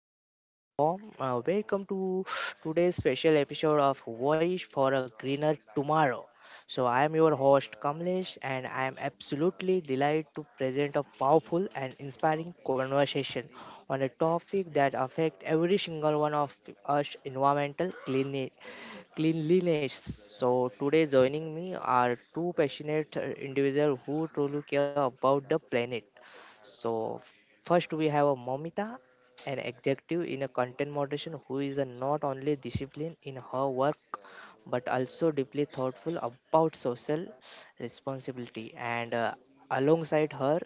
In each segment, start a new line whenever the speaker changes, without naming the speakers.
turning in form, welcome to today's special episode of Voice for a Greener Tomorrow. So, I am your host Kamlesh, and I am absolutely delighted to present a powerful and inspiring conversation on a topic that affects every single one of us: environmental cleanliness. So today joining me are two passionate individuals who truly care about the planet. So first we have a Momita, an executive in a content moderation who is a not only disciplined in her work but also deeply thoughtful about social responsibility. And Alongside her,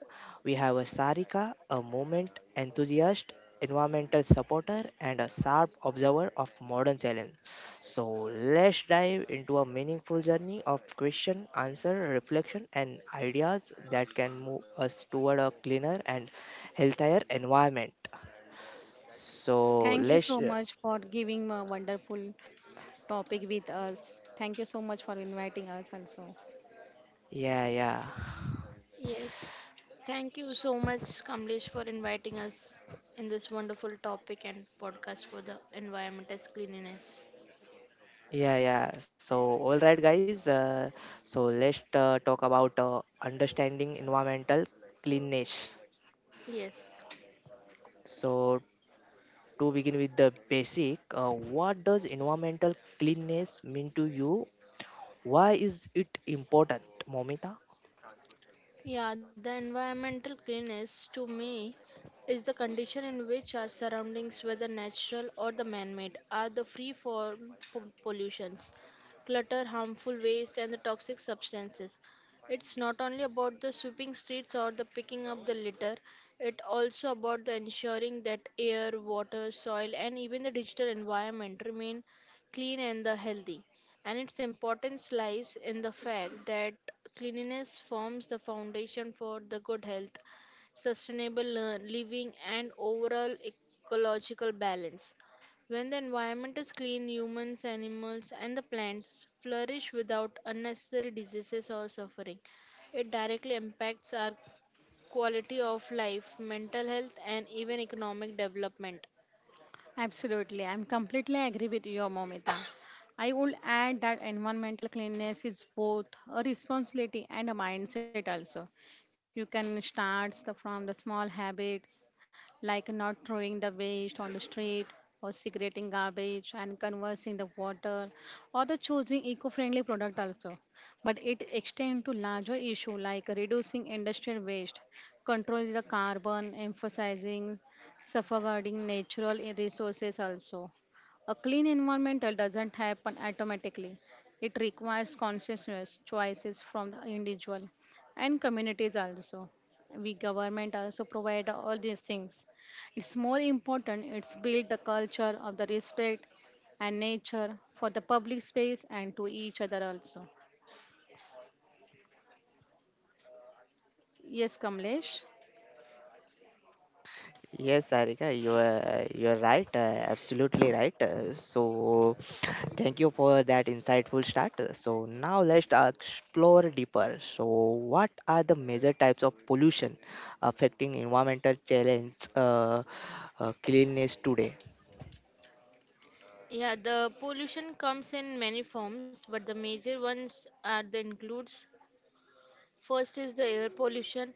we have a Sarika, a movement enthusiast, environmental supporter, and a sharp observer of modern challenges. So let's dive into a meaningful journey of question, answer, reflection, and ideas that can move us toward a cleaner and healthier environment. So
Thank you so much for giving a wonderful topic with us. Thank you so much for inviting us also.
yeah, yeah,
Yes. Thank you so much, Kamlesh, for inviting us in this wonderful topic and podcast for the environment as cleanliness.
yeah, yeah. So, all right, guys. So let's talk about understanding environmental cleanness.
Yes.
So, to begin with the basic, what does environmental cleanness mean to you? Why is it important, Momita?
Yeah, the environmental cleanliness to me is the condition in which our surroundings, whether natural or the man-made, are the free from pollutions, clutter, harmful waste, and the toxic substances. It's not only about the sweeping streets or the picking up the litter, it also about the ensuring that air, water, soil, and even the digital environment remain clean and the healthy, and its importance lies in the fact that cleanliness forms the foundation for the good health, sustainable living, and overall ecological balance. When the environment is clean, humans, animals, and the plants flourish without unnecessary diseases or suffering. It directly impacts our quality of life, mental health, and even economic development.
Absolutely. I'm completely agree with you, Momita. I would add that environmental cleanliness is both a responsibility and a mindset also. You can from the small habits like not throwing the waste on the street or segregating garbage and conversing the water or the choosing eco-friendly product also. But it extends to larger issue like reducing industrial waste, controlling the carbon, emphasizing safeguarding resources also. A clean environment doesn't happen automatically. It requires conscious choices from the individual and communities also. We government also provide all these things. It's more important it's build the culture of the respect and nature for the public space and to each other also. Yes, Kamlesh.
Yes, Sarika, you are right, absolutely right. So, thank you for that insightful start. So now let's explore deeper. So, what are the major types of pollution affecting environmental challenge cleanliness today?
Yeah, the pollution comes in many forms, but the major ones are the includes. First is the air pollution.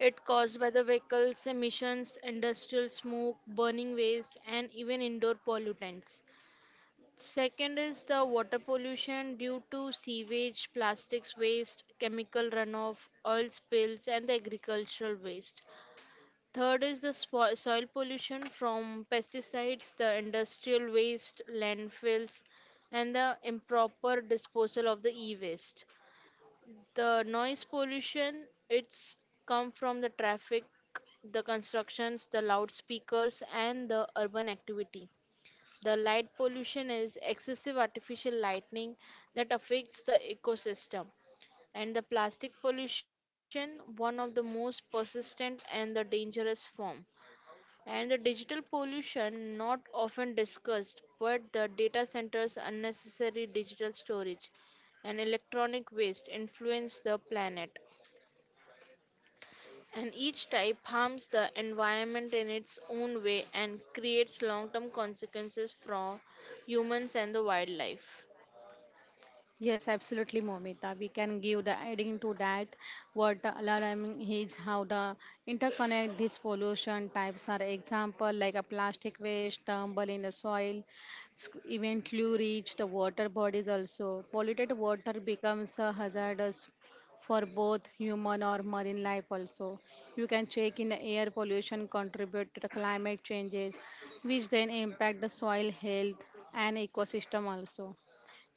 It caused by the vehicles, emissions, industrial smoke, burning waste, and even indoor pollutants. Second is the water pollution due to sewage, plastics waste, chemical runoff, oil spills, and the agricultural waste. Third is the soil pollution from pesticides, the industrial waste, landfills, and the improper disposal of the e-waste. The noise pollution, it's come from the traffic, the constructions, the loudspeakers, and the urban activity. The light pollution is excessive artificial lighting that affects the ecosystem. And the plastic pollution, one of the most persistent and the dangerous form. And the digital pollution, not often discussed, but the data centers' unnecessary digital storage and electronic waste influence the planet. And each type harms the environment in its own way and creates long term consequences for humans and the wildlife.
Yes, absolutely, Momita. We can give the adding to that what the alarming is how the interconnect these pollution types are. Example like a plastic waste tumble in the soil, eventually reach the water bodies also. Polluted water becomes a hazardous for both human or marine life also. You can check in the air pollution contribute to the climate changes, which then impact the soil health and ecosystem also.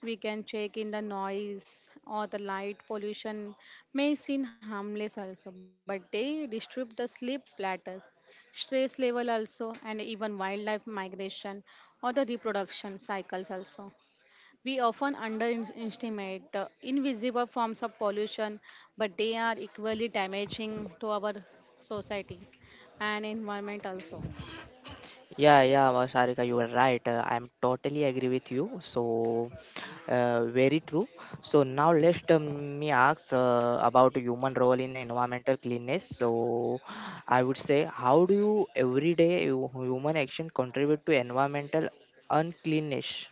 We can check in the noise or the light pollution may seem harmless also, but they disturb the sleep patterns, stress level also, and even wildlife migration or the reproduction cycles also. We often underestimate the invisible forms of pollution, but they are equally damaging to our society and environment also.
Yeah, yeah, Sarika, you are right. I am totally agree with you. So, very true. So now let me ask about human role in environmental cleanness. So, I would say, how do you everyday human action contribute to environmental uncleanness?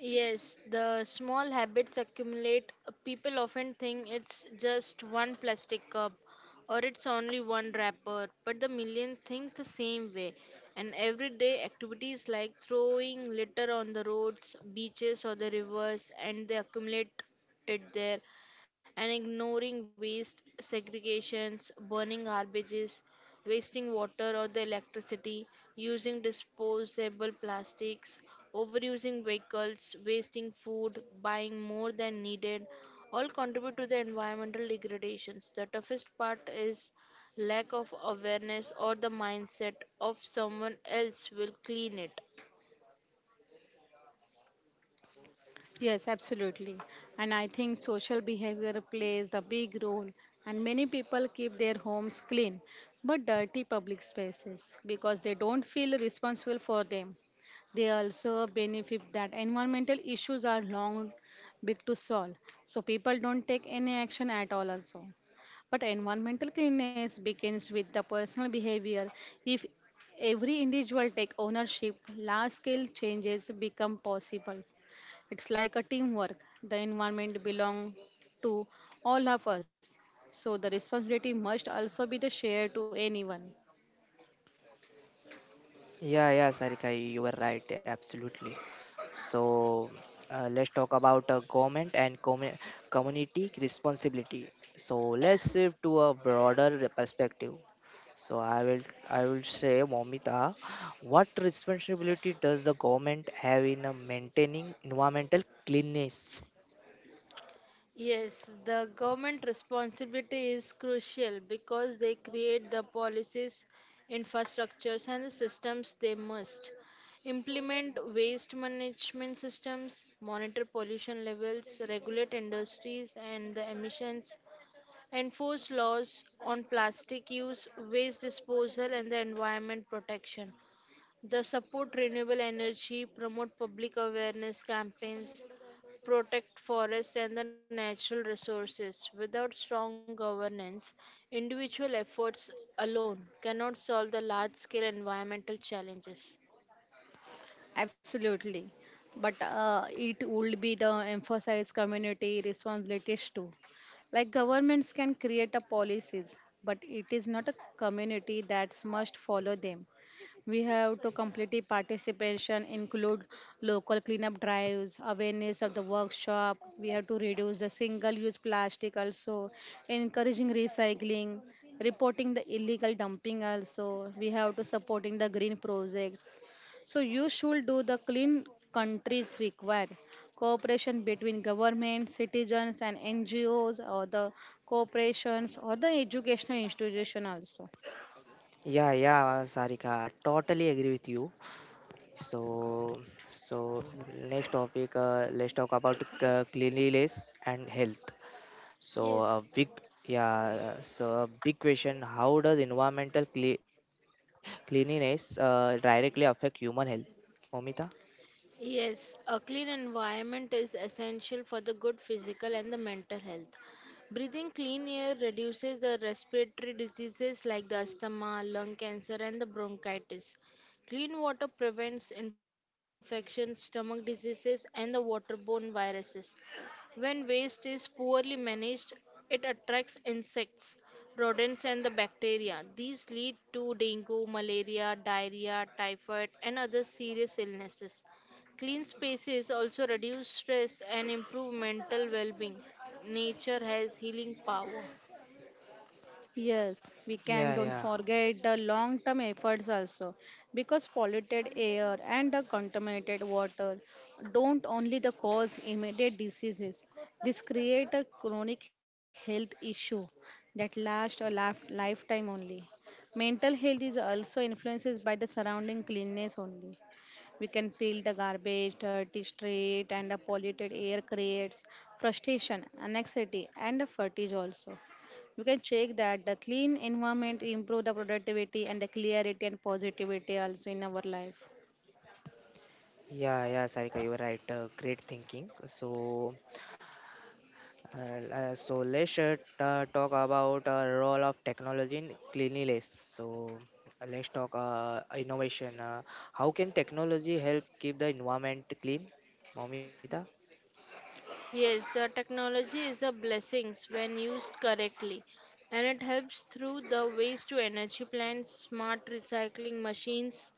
Yes, the small habits accumulate. People often think it's just one plastic cup or it's only one wrapper, but the million thinks the same way. And everyday activities like throwing litter on the roads, beaches, or the rivers, and they accumulate it there, and ignoring waste segregations, burning garbages, wasting water or the electricity, using disposable plastics, overusing vehicles, wasting food, buying more than needed, all contribute to the environmental degradations. The toughest part is lack of awareness or the mindset of someone else will clean it.
Yes, absolutely. And I think social behavior plays a big role. And many people keep their homes clean but dirty public spaces because they don't feel responsible for them. They also benefit that environmental issues are long big to solve. So people don't take any action at all also. But environmental cleanliness begins with the personal behavior. If every individual take ownership, large scale changes become possible. It's like a teamwork. The environment belongs to all of us, so the responsibility must also be the shared to anyone.
Yeah, yeah, Sarika, you were right, absolutely. So let's talk about government and community responsibility. So let's shift to a broader perspective. So I will say, Momita, what responsibility does the government have in maintaining environmental cleanliness?
Yes, the government responsibility is crucial because they create the policies, infrastructures, and the systems they must implement waste management systems, monitor pollution levels, regulate industries and the emissions, enforce laws on plastic use, waste disposal, and the environment protection. The support renewable energy, promote public awareness campaigns, protect forests and the natural resources. Without strong governance, individual efforts alone cannot solve the large scale environmental challenges.
Absolutely. But it would be the emphasize community responsibilities too. Like governments can create a policies, but it is not a community that must follow them. We have to completely participation include local cleanup drives, awareness of the workshop. We have to reduce the single-use plastic also, encouraging recycling, reporting the illegal dumping also. We have to supporting the green projects so you should do the clean countries require cooperation between government, citizens and NGOs or the corporations or the educational institution also.
Yeah, yeah, Sarika, totally agree with you. So, so next topic, let's talk about cleanliness and health. So
Yes.
a big, yeah, so a big question: How does environmental cleanliness directly affect human health, Momita?
Yes, a clean environment is essential for the good physical and the mental health. Breathing clean air reduces the respiratory diseases like the asthma, lung cancer, and the bronchitis. Clean water prevents infections, stomach diseases, and the waterborne viruses. When waste is poorly managed, it attracts insects, rodents, and the bacteria. These lead to dengue, malaria, diarrhea, typhoid, and other serious illnesses. Clean spaces also reduce stress and improve mental well being. Nature has healing power.
Yes, we
Yeah,
can don't
yeah.
forget the long term efforts also because polluted air and the contaminated water don't only the cause immediate diseases, this create a chronic health issue that last a lifetime only. Mental health is also influences by the surrounding cleanness only. We can peel the garbage, dirty street, and the polluted air creates frustration, anxiety, and the fatigue also. You can check that the clean environment improve the productivity and the clarity and positivity also in our life.
Yeah, yeah, Sarika, you were right. Great thinking. So, so let's talk about role of technology in cleanliness. So, let's talk innovation. How can technology help keep the environment clean, Momita?
Yes, the technology is a blessing when used correctly, and it helps through the waste to energy plants, smart recycling machines,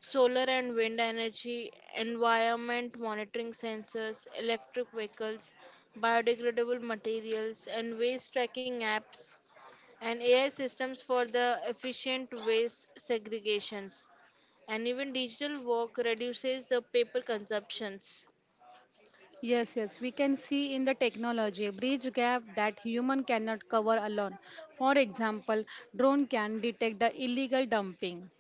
solar and wind energy, environment monitoring sensors, electric vehicles, biodegradable materials, and waste tracking apps, and AI systems for the efficient waste segregations. And even digital work reduces the paper consumptions.
Yes, yes, we can see in the technology a bridge gap that human cannot cover alone. For example, drone can detect the illegal dumping.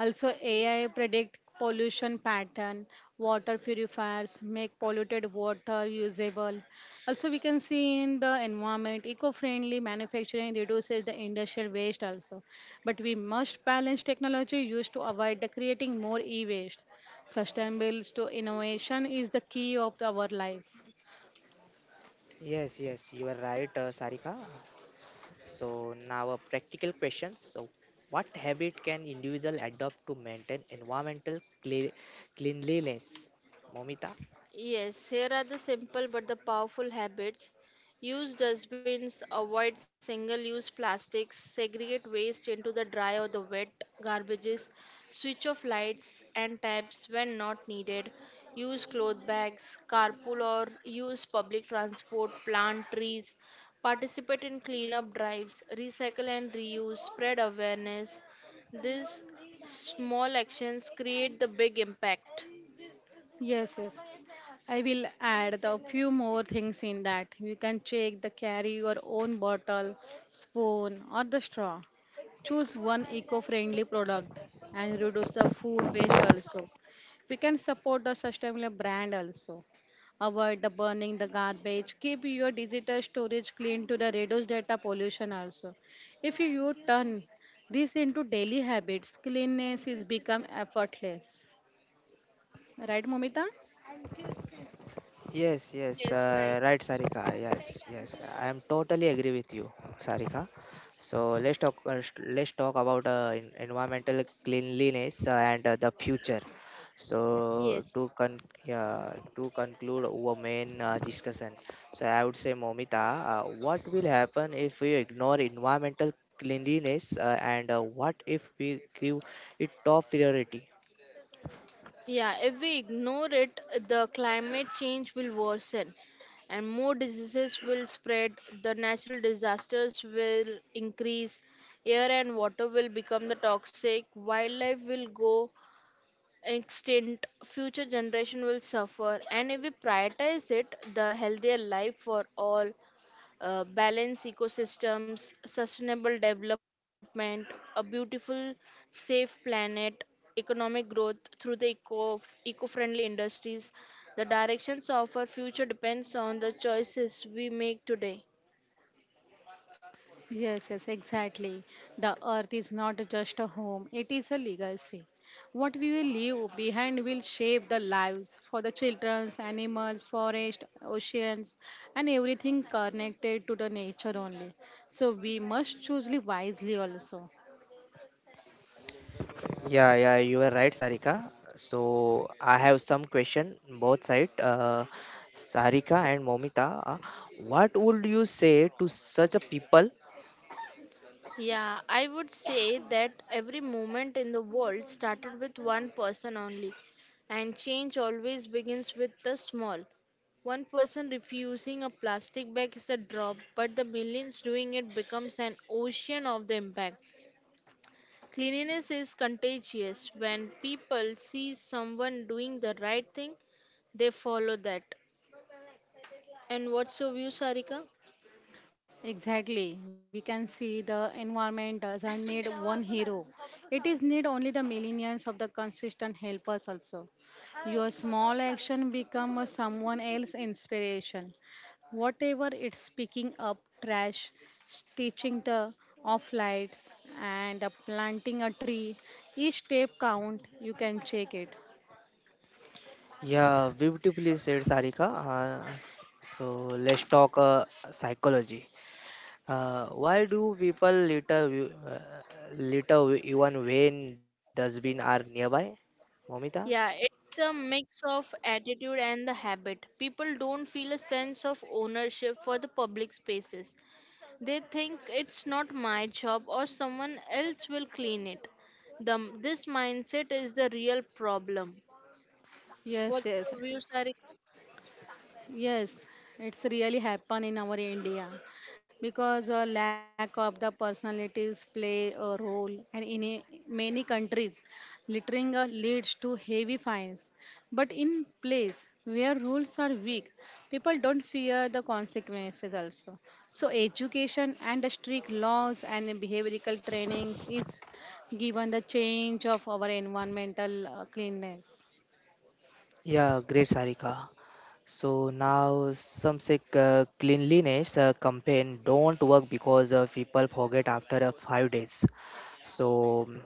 Also, AI predict pollution pattern. Water purifiers make polluted water usable. Also, we can see in the environment, eco-friendly manufacturing reduces the industrial waste also. But we must balance technology used to avoid the creating more e-waste. Innovation is the key of our life.
Yes, yes, you are right, Sarika. So now a practical question. So, what habit can individual adopt to maintain environmental cle- cleanliness, Momita?
Yes, here are the simple but the powerful habits. Use dustbins, avoid single use plastics, segregate waste into the dry or the wet garbages, switch off lights and taps when not needed, use cloth bags, carpool or use public transport, plant trees, participate in cleanup drives, recycle and reuse, spread awareness. These small actions create the big impact.
Yes, yes. I will add the few more things in that. You can check the carry your own bottle, spoon or the straw. Choose one eco-friendly product and reduce the food waste also. We can support the sustainable brand also. Avoid the burning the garbage. Keep your digital storage clean to the reduce data pollution also. If you turn this into daily habits, cleanliness is become effortless. Right, Momita?
Yes, yes,
Yes, right.
right, Sarika. Yes, yes, I am totally agree with you, Sarika. So let's talk. Let's talk about environmental cleanliness and the future. So
Yes.
yeah, to conclude our main discussion, so I would say, Momita, what will happen if we ignore environmental cleanliness, and what if we give it top priority?
Yeah, if we ignore it, the climate change will worsen and more diseases will spread, the natural disasters will increase, air and water will become the toxic, wildlife will go extinct, future generation will suffer, and if we prioritize it, the healthier life for all, balance ecosystems, sustainable development, a beautiful, safe planet, economic growth through the eco-friendly industries. The directions of our future depends on the choices we make today.
Yes, yes, exactly. The earth is not just a home, it is a legacy. What we will leave behind will shape the lives for the children, animals, forest, oceans, and everything connected to the nature only. So we must choose wisely also.
Yeah, yeah, you are right, Sarika. So I have some question both side. Sarika and Momita, what would you say to such a people?
Yeah, I would say that every movement in the world started with one person only, and change always begins with the small. One person refusing a plastic bag is a drop, but the millions doing it becomes an ocean of the impact. Cleanliness is contagious. When people see someone doing the right thing, they follow that. And what's your view, Sarika?
Exactly. We can see the environment doesn't need one hero. It is need only the millions of the consistent helpers also. Your small action become a someone else inspiration. Whatever it's picking up trash, stitching the off lights and planting a tree. Each step count, you can check it.
Yeah, beautifully said, Sarika. So let's talk psychology. Why do people litter, litter even when dustbin are nearby? Momita?
Yeah, it's a mix of attitude and the habit. People don't feel a sense of ownership for the public spaces. They think it's not my job or someone else will clean it. This mindset is the real problem.
Yes,
What's
yes.
your view, Sarika?
Yes, it's really happen in our India because a lack of the personalities play a role and in a, many countries littering leads to heavy fines. But in place where rules are weak, people don't fear the consequences also. So education and the strict laws and behavioral trainings is given the change of our environmental cleanness.
Yeah, great, Sarika. So now some say cleanliness campaign don't work because people forget after 5 days. So mm,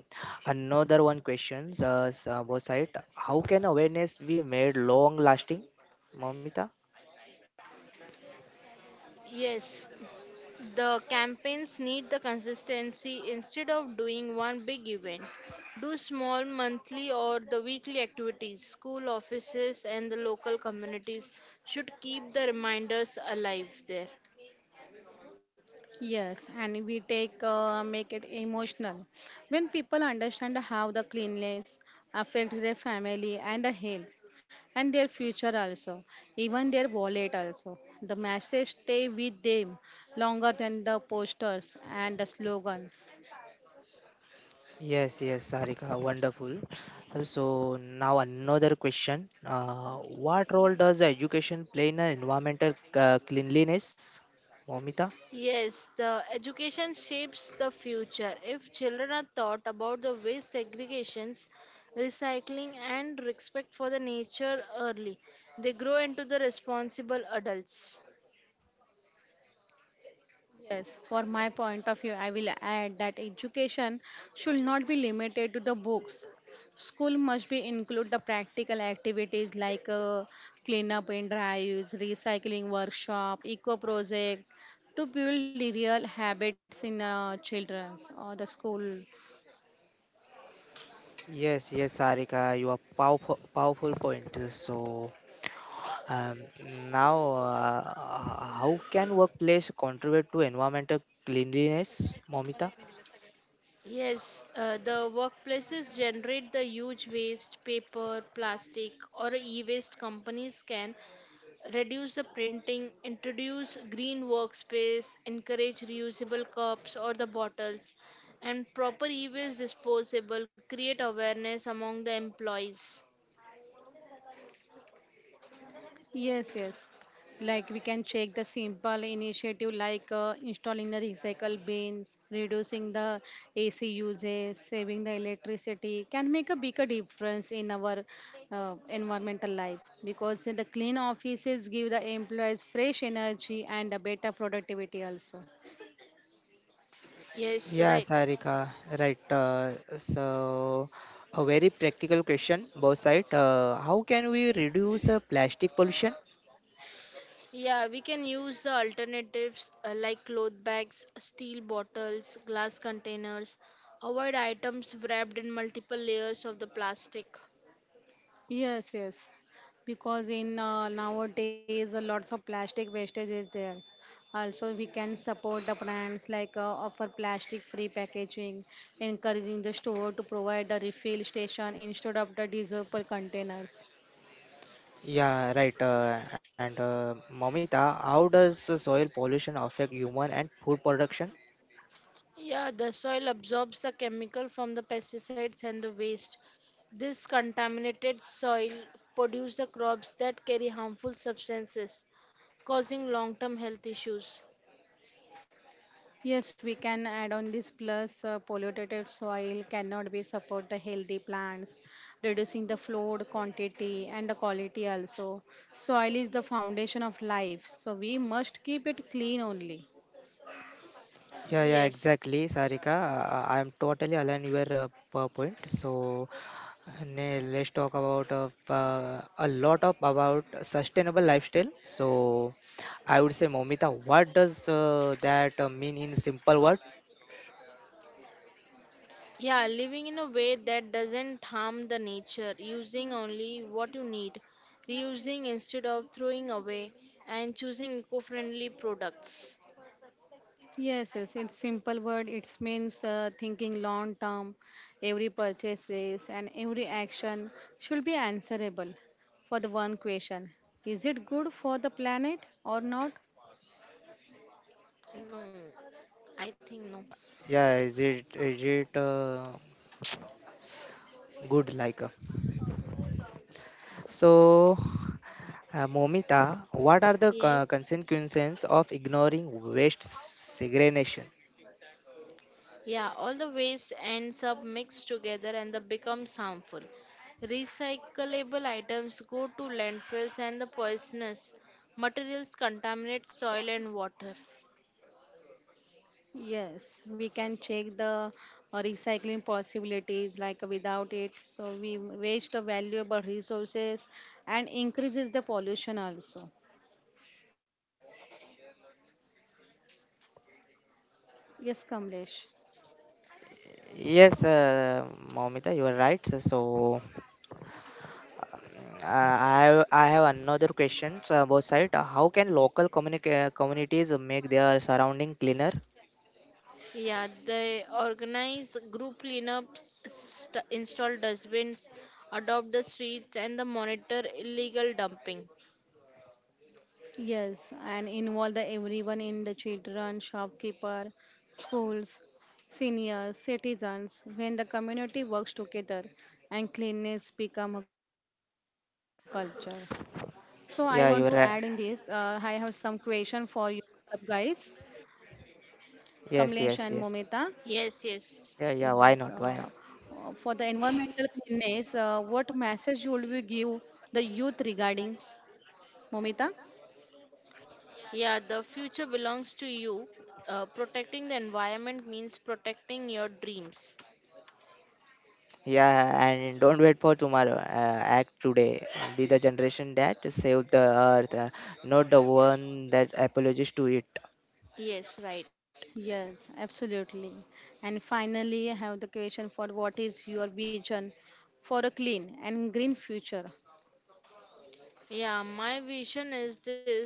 another one questions was it how can awareness be made long lasting, Momita?
Yes. The campaigns need the consistency instead of doing one big event. Do small monthly or the weekly activities. School offices and the local communities should keep the reminders alive there.
Yes, and we take make it emotional. When people understand how the cleanliness affects their family and the health and their future also, even their wallet also. The message stay with them longer than the posters and the slogans.
Yes, yes, Sarika, wonderful. So now another question: What role does education play in environmental cleanliness, Momita?
Yes, the education shapes the future. If children are taught about the waste segregations, recycling and respect for the nature early, they grow into the responsible adults.
Yes, for my point of view, I will add that education should not be limited to the books. School must be include the practical activities like cleanup and drives, recycling workshop, eco project to build the real habits in children or the school.
Yes, yes, Sarika, you are powerful, powerful point. So, now, how can workplace contribute to environmental cleanliness, Momita?
Yes, the workplaces generate the huge waste, paper, plastic, or e waste companies can reduce the printing, introduce green workspace, encourage reusable cups or the bottles, and proper e waste disposable, create awareness among the employees.
Yes, yes. Like we can check the simple initiative like installing the recycle bins, reducing the AC usage, saving the electricity can make a bigger difference in our environmental life because the clean offices give the employees fresh energy and a better productivity also.
Yes,
Yeah,
right.
Sarika, right. So, a very practical question, both side. How can we reduce plastic pollution?
Yeah, we can use the alternatives like cloth bags, steel bottles, glass containers. Avoid items wrapped in multiple layers of the plastic.
Yes, yes. Because in nowadays, a lots of plastic wastage is there. Also, we can support the brands like offer plastic-free packaging, encouraging the store to provide a refill station instead of the disposable containers.
Yeah, right. And Momita, how does soil pollution affect human and food production?
Yeah, the soil absorbs the chemical from the pesticides and the waste. This contaminated soil produces the crops that carry harmful substances, causing long-term health issues.
Yes, we can add on this plus polluted soil cannot be support the healthy plants, reducing the flood quantity and the quality also. Soil is the foundation of life, so we must keep it clean only.
Yeah, yeah,
Yes.
exactly, Sarika. I am totally aligned with your point. So, let's talk about a lot of about sustainable lifestyle. So, I would say, Momita, what does that mean in simple word?
Yeah, living in a way that doesn't harm the nature, using only what you need, reusing instead of throwing away, and choosing eco-friendly products.
Yes, yes, in simple word, it means thinking long term. Every purchases and every action should be answerable for the one question. Is it good for the planet or not?
No, I think no.
Yeah, is it good like? So, Momita, what are the
Yes.
consequences of ignoring waste segregation?
Yeah, all the waste ends up mixed together and that becomes harmful. Recyclable items go to landfills and the poisonous materials contaminate soil and water.
Yes, we can check the recycling possibilities like without it. So we waste the valuable resources and increases the pollution also. Yes, Kamlesh.
Yes, Momita, you are right. So. I have another question both side. How can local communities make their surrounding cleaner?
Yeah, they organize group cleanups, install dustbins, adopt the streets, and the monitor illegal dumping.
Yes, and involve the everyone in the children, shopkeeper, schools, seniors, citizens. When the community works together, and cleanliness become a culture. So I want to add in this.
Yeah, you're
I
right.
have some question for you guys, Kamlesh and
Yes,
Momita.
yes,
Yes,
yes.
yes.
Yes.
Yeah, yeah. Why not? Why not?
For the environmental cleanliness, what message would we give the youth regarding Momita?
Yeah, the future belongs to you. Protecting the environment means protecting your dreams.
Yeah, and don't wait for tomorrow. Act today. Be the generation that save the earth, not the one that apologizes to it.
Yes, right.
Yes, absolutely. And finally, I have the question for what is your vision for a clean and green future?
Yeah, my vision is this.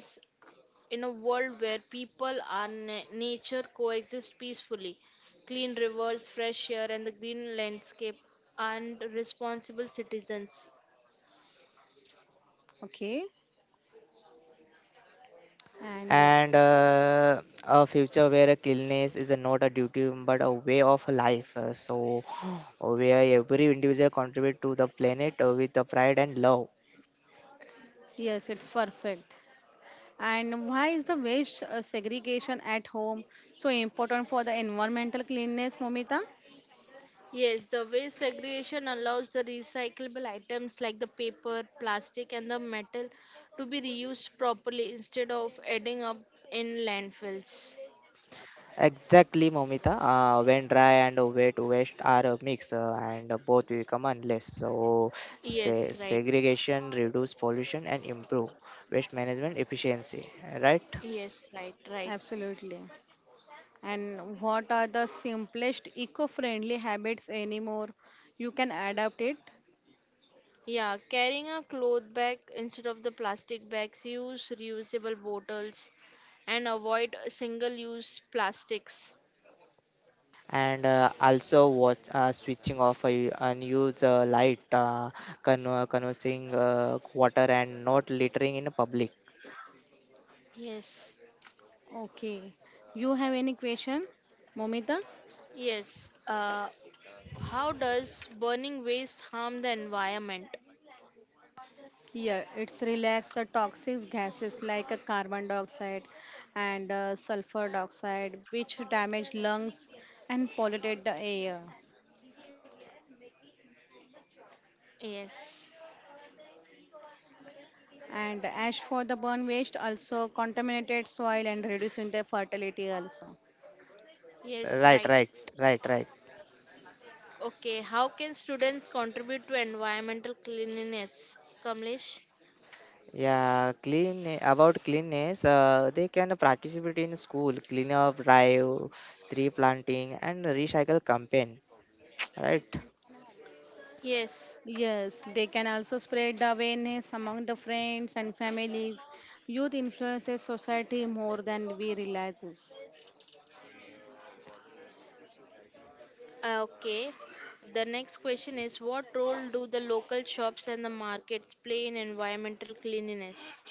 In a world where people and nature coexist peacefully, clean rivers, fresh air, and the green landscape, and responsible citizens.
Okay, and
And a future where cleanliness is not a duty but a way of life. So where every individual contribute to the planet with the pride and love.
yes, it's perfect. And why is the waste segregation at home so important for the environmental cleanness, Momita?
Yes, the waste segregation allows the recyclable items like the paper, plastic, and the metal to be reused properly instead of ending up in landfills.
Exactly, Momita. When dry and wet waste are mixed, and both become unless so
Yes, right.
segregation, reduce pollution, and improve waste management efficiency. Right?
Yes, right, right.
Absolutely. And what are the simplest eco-friendly habits anymore you can adapt it?
Yeah, carrying a cloth bag instead of the plastic bags, use reusable bottles and avoid single use plastics.
And also, what switching off unused light, conversing water, and not littering in public.
Yes,
Okay, you have any question, Momita?
yes. How does burning waste harm the environment?
Yeah, it's relax the toxic gases like a carbon dioxide and sulfur dioxide, which damage lungs and pollute the air.
Yes,
And ash for the burn waste also contaminated soil and reducing the fertility also.
yes,
Right,
right.
right, right, right.
Okay, how can students contribute to environmental cleanliness, Kamlesh?
Yeah, clean about cleanness, they can participate in school cleanup drive, tree planting, and recycle campaign. Right?
Yes.
Yes, they can also spread the awareness among the friends and families. Youth influences society more than we realizes.
Ah, okay, the next question is, what role do the local shops and the markets play in environmental cleanliness?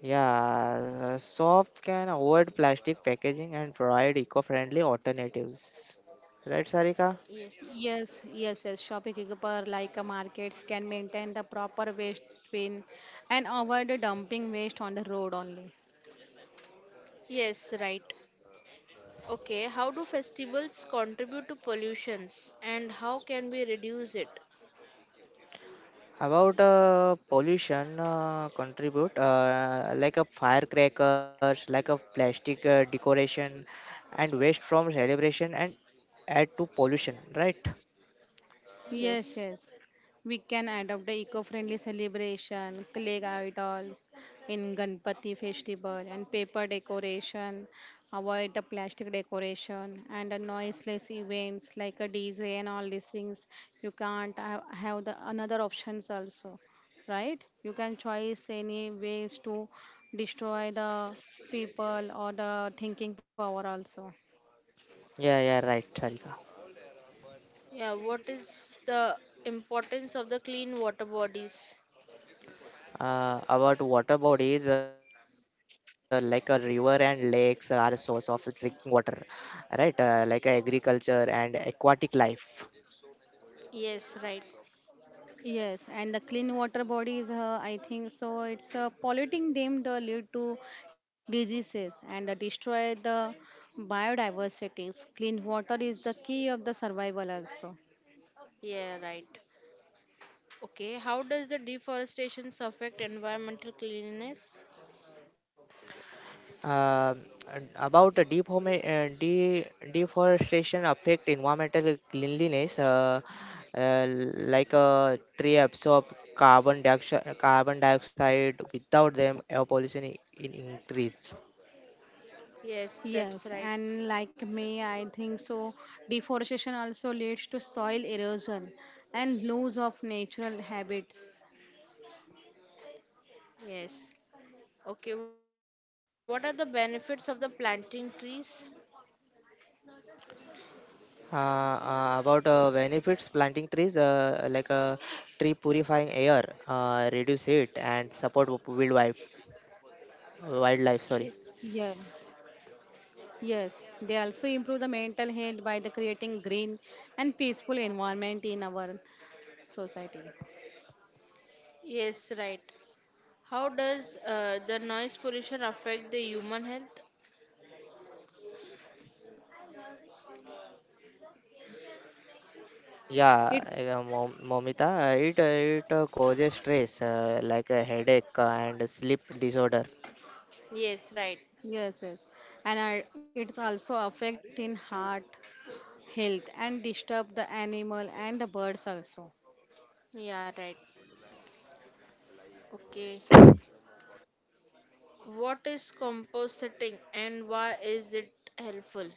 Yeah, soft can avoid plastic packaging and provide eco-friendly alternatives. Right, Sarika?
Yes.
Yes, yes, yes. Shopkeeper like a markets can maintain the proper waste bin and avoid dumping waste on the road only.
Yes, right. Okay, how do festivals contribute to pollutions and how can we reduce it?
About pollution contribute like a firecrackers, like a plastic decoration, and waste from celebration and add to pollution. Right?
Yes,
Yes.
yes. We can adopt the eco-friendly celebration, clay idols in Ganpati festival and paper decoration, avoid the plastic decoration and the noiseless events like a DJ and all these things. You can't ha- Have the another options also, right? You can choose any ways to destroy the people or the thinking power also.
Yeah, yeah, right, Sarika.
Yeah, what is the importance of the clean water bodies?
About water bodies like a river and lakes are a source of drinking water right like agriculture and aquatic life.
Yes, right.
Yes, and the clean water bodies, I think so. It's polluting them the lead to diseases and destroy the biodiversity. Clean water is the key of the survival also.
Yeah, right. Okay, how does the deforestation affect environmental cleanliness?
Um, and about the deep home de- deforestation affect environmental cleanliness uh, like a tree absorb carbon dioxide without them air pollution in increase.
Yes,
Yes,
and
that's
like
right.
me, I think so. Deforestation also leads to soil erosion and loss of natural habits.
Yes. Okay, what are the benefits of the planting trees?
About benefits planting trees like tree purifying air reduce heat and support wildlife wildlife sorry.
Yeah,
Yes.
yes. They also improve the mental health by the creating green and peaceful environment in our society.
Yes, right. How does the noise pollution affect the human health?
Yeah,
It
momita it causes stress like a headache and sleep disorder.
Yes, right.
yes, yes, and I, it also affect in heart health and disturb the animal and the birds also.
Yeah, right. Okay. What is compositing and why is it helpful?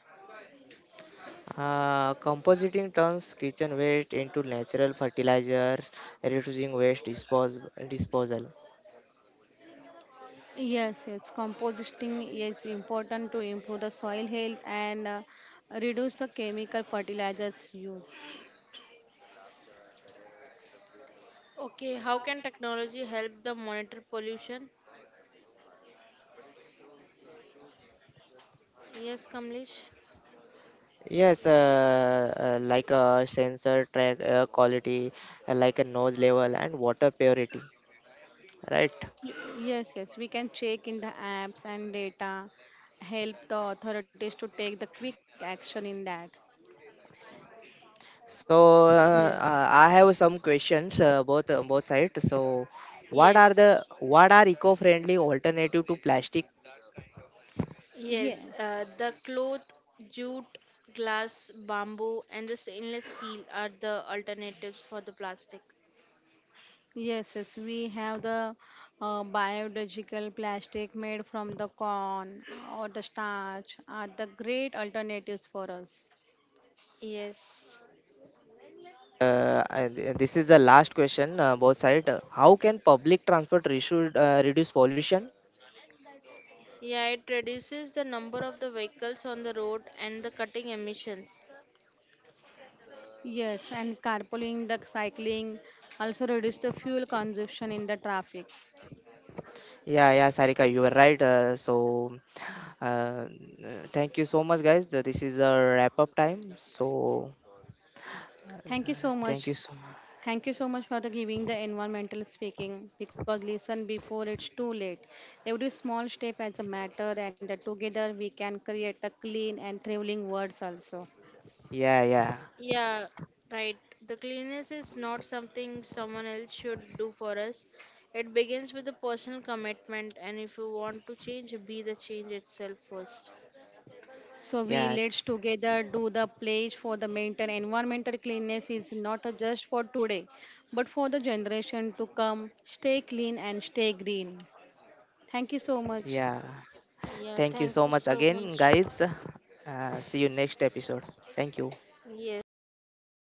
Uh, compositing turns kitchen waste into natural fertilizers reducing waste disposal.
Yes, yes, composting is important to improve the soil health and reduce the chemical fertilizers use.
Okay, how can technology help the monitor pollution? Yes, Kamlesh.
Yes, like a sensor track air quality, like a noise level and water purity, right?
Y- yes, yes, we can check in the apps and data help the authorities to take the quick action in that.
So
Yes,
I have some questions both on both sides. So what are
Yes.
the what are eco-friendly alternative to plastic?
yes.
Yes, the cloth, jute, glass, bamboo, and the stainless steel are the alternatives for the plastic.
Yes, yes, we have the biodegradable plastic made from the corn or the starch are the great alternatives for us.
Yes.
This is the last question both side. How can public transport reduce reduce pollution?
Yeah, it reduces the number of the vehicles on the road and the cutting emissions.
Yes, and carpooling, the cycling also reduce the fuel consumption in the traffic.
Yeah, yeah, Sarika, you were right. So thank you so much, guys. This is a wrap up time. So.
Thank you so much.
Thank you so much.
Thank you so much for the giving the environmental speaking because listen before it's too late. Every small step has a matter and together we can create a clean and thriving world also.
Yeah, yeah,
Yeah, right. The cleanliness is not something someone else should do for us. It begins with the personal commitment, and if you want to change, be the change itself first.
So we
yeah,
let's together do the pledge for the maintain environmental cleanness is not a just for today, but for the generation to come. Stay clean and stay green. Thank you so much.
yeah. Thank you
Yeah,
so much
thank you so
again,
much.
guys. See you next episode. Thank you.
Thank
Yes,
you.
thank you.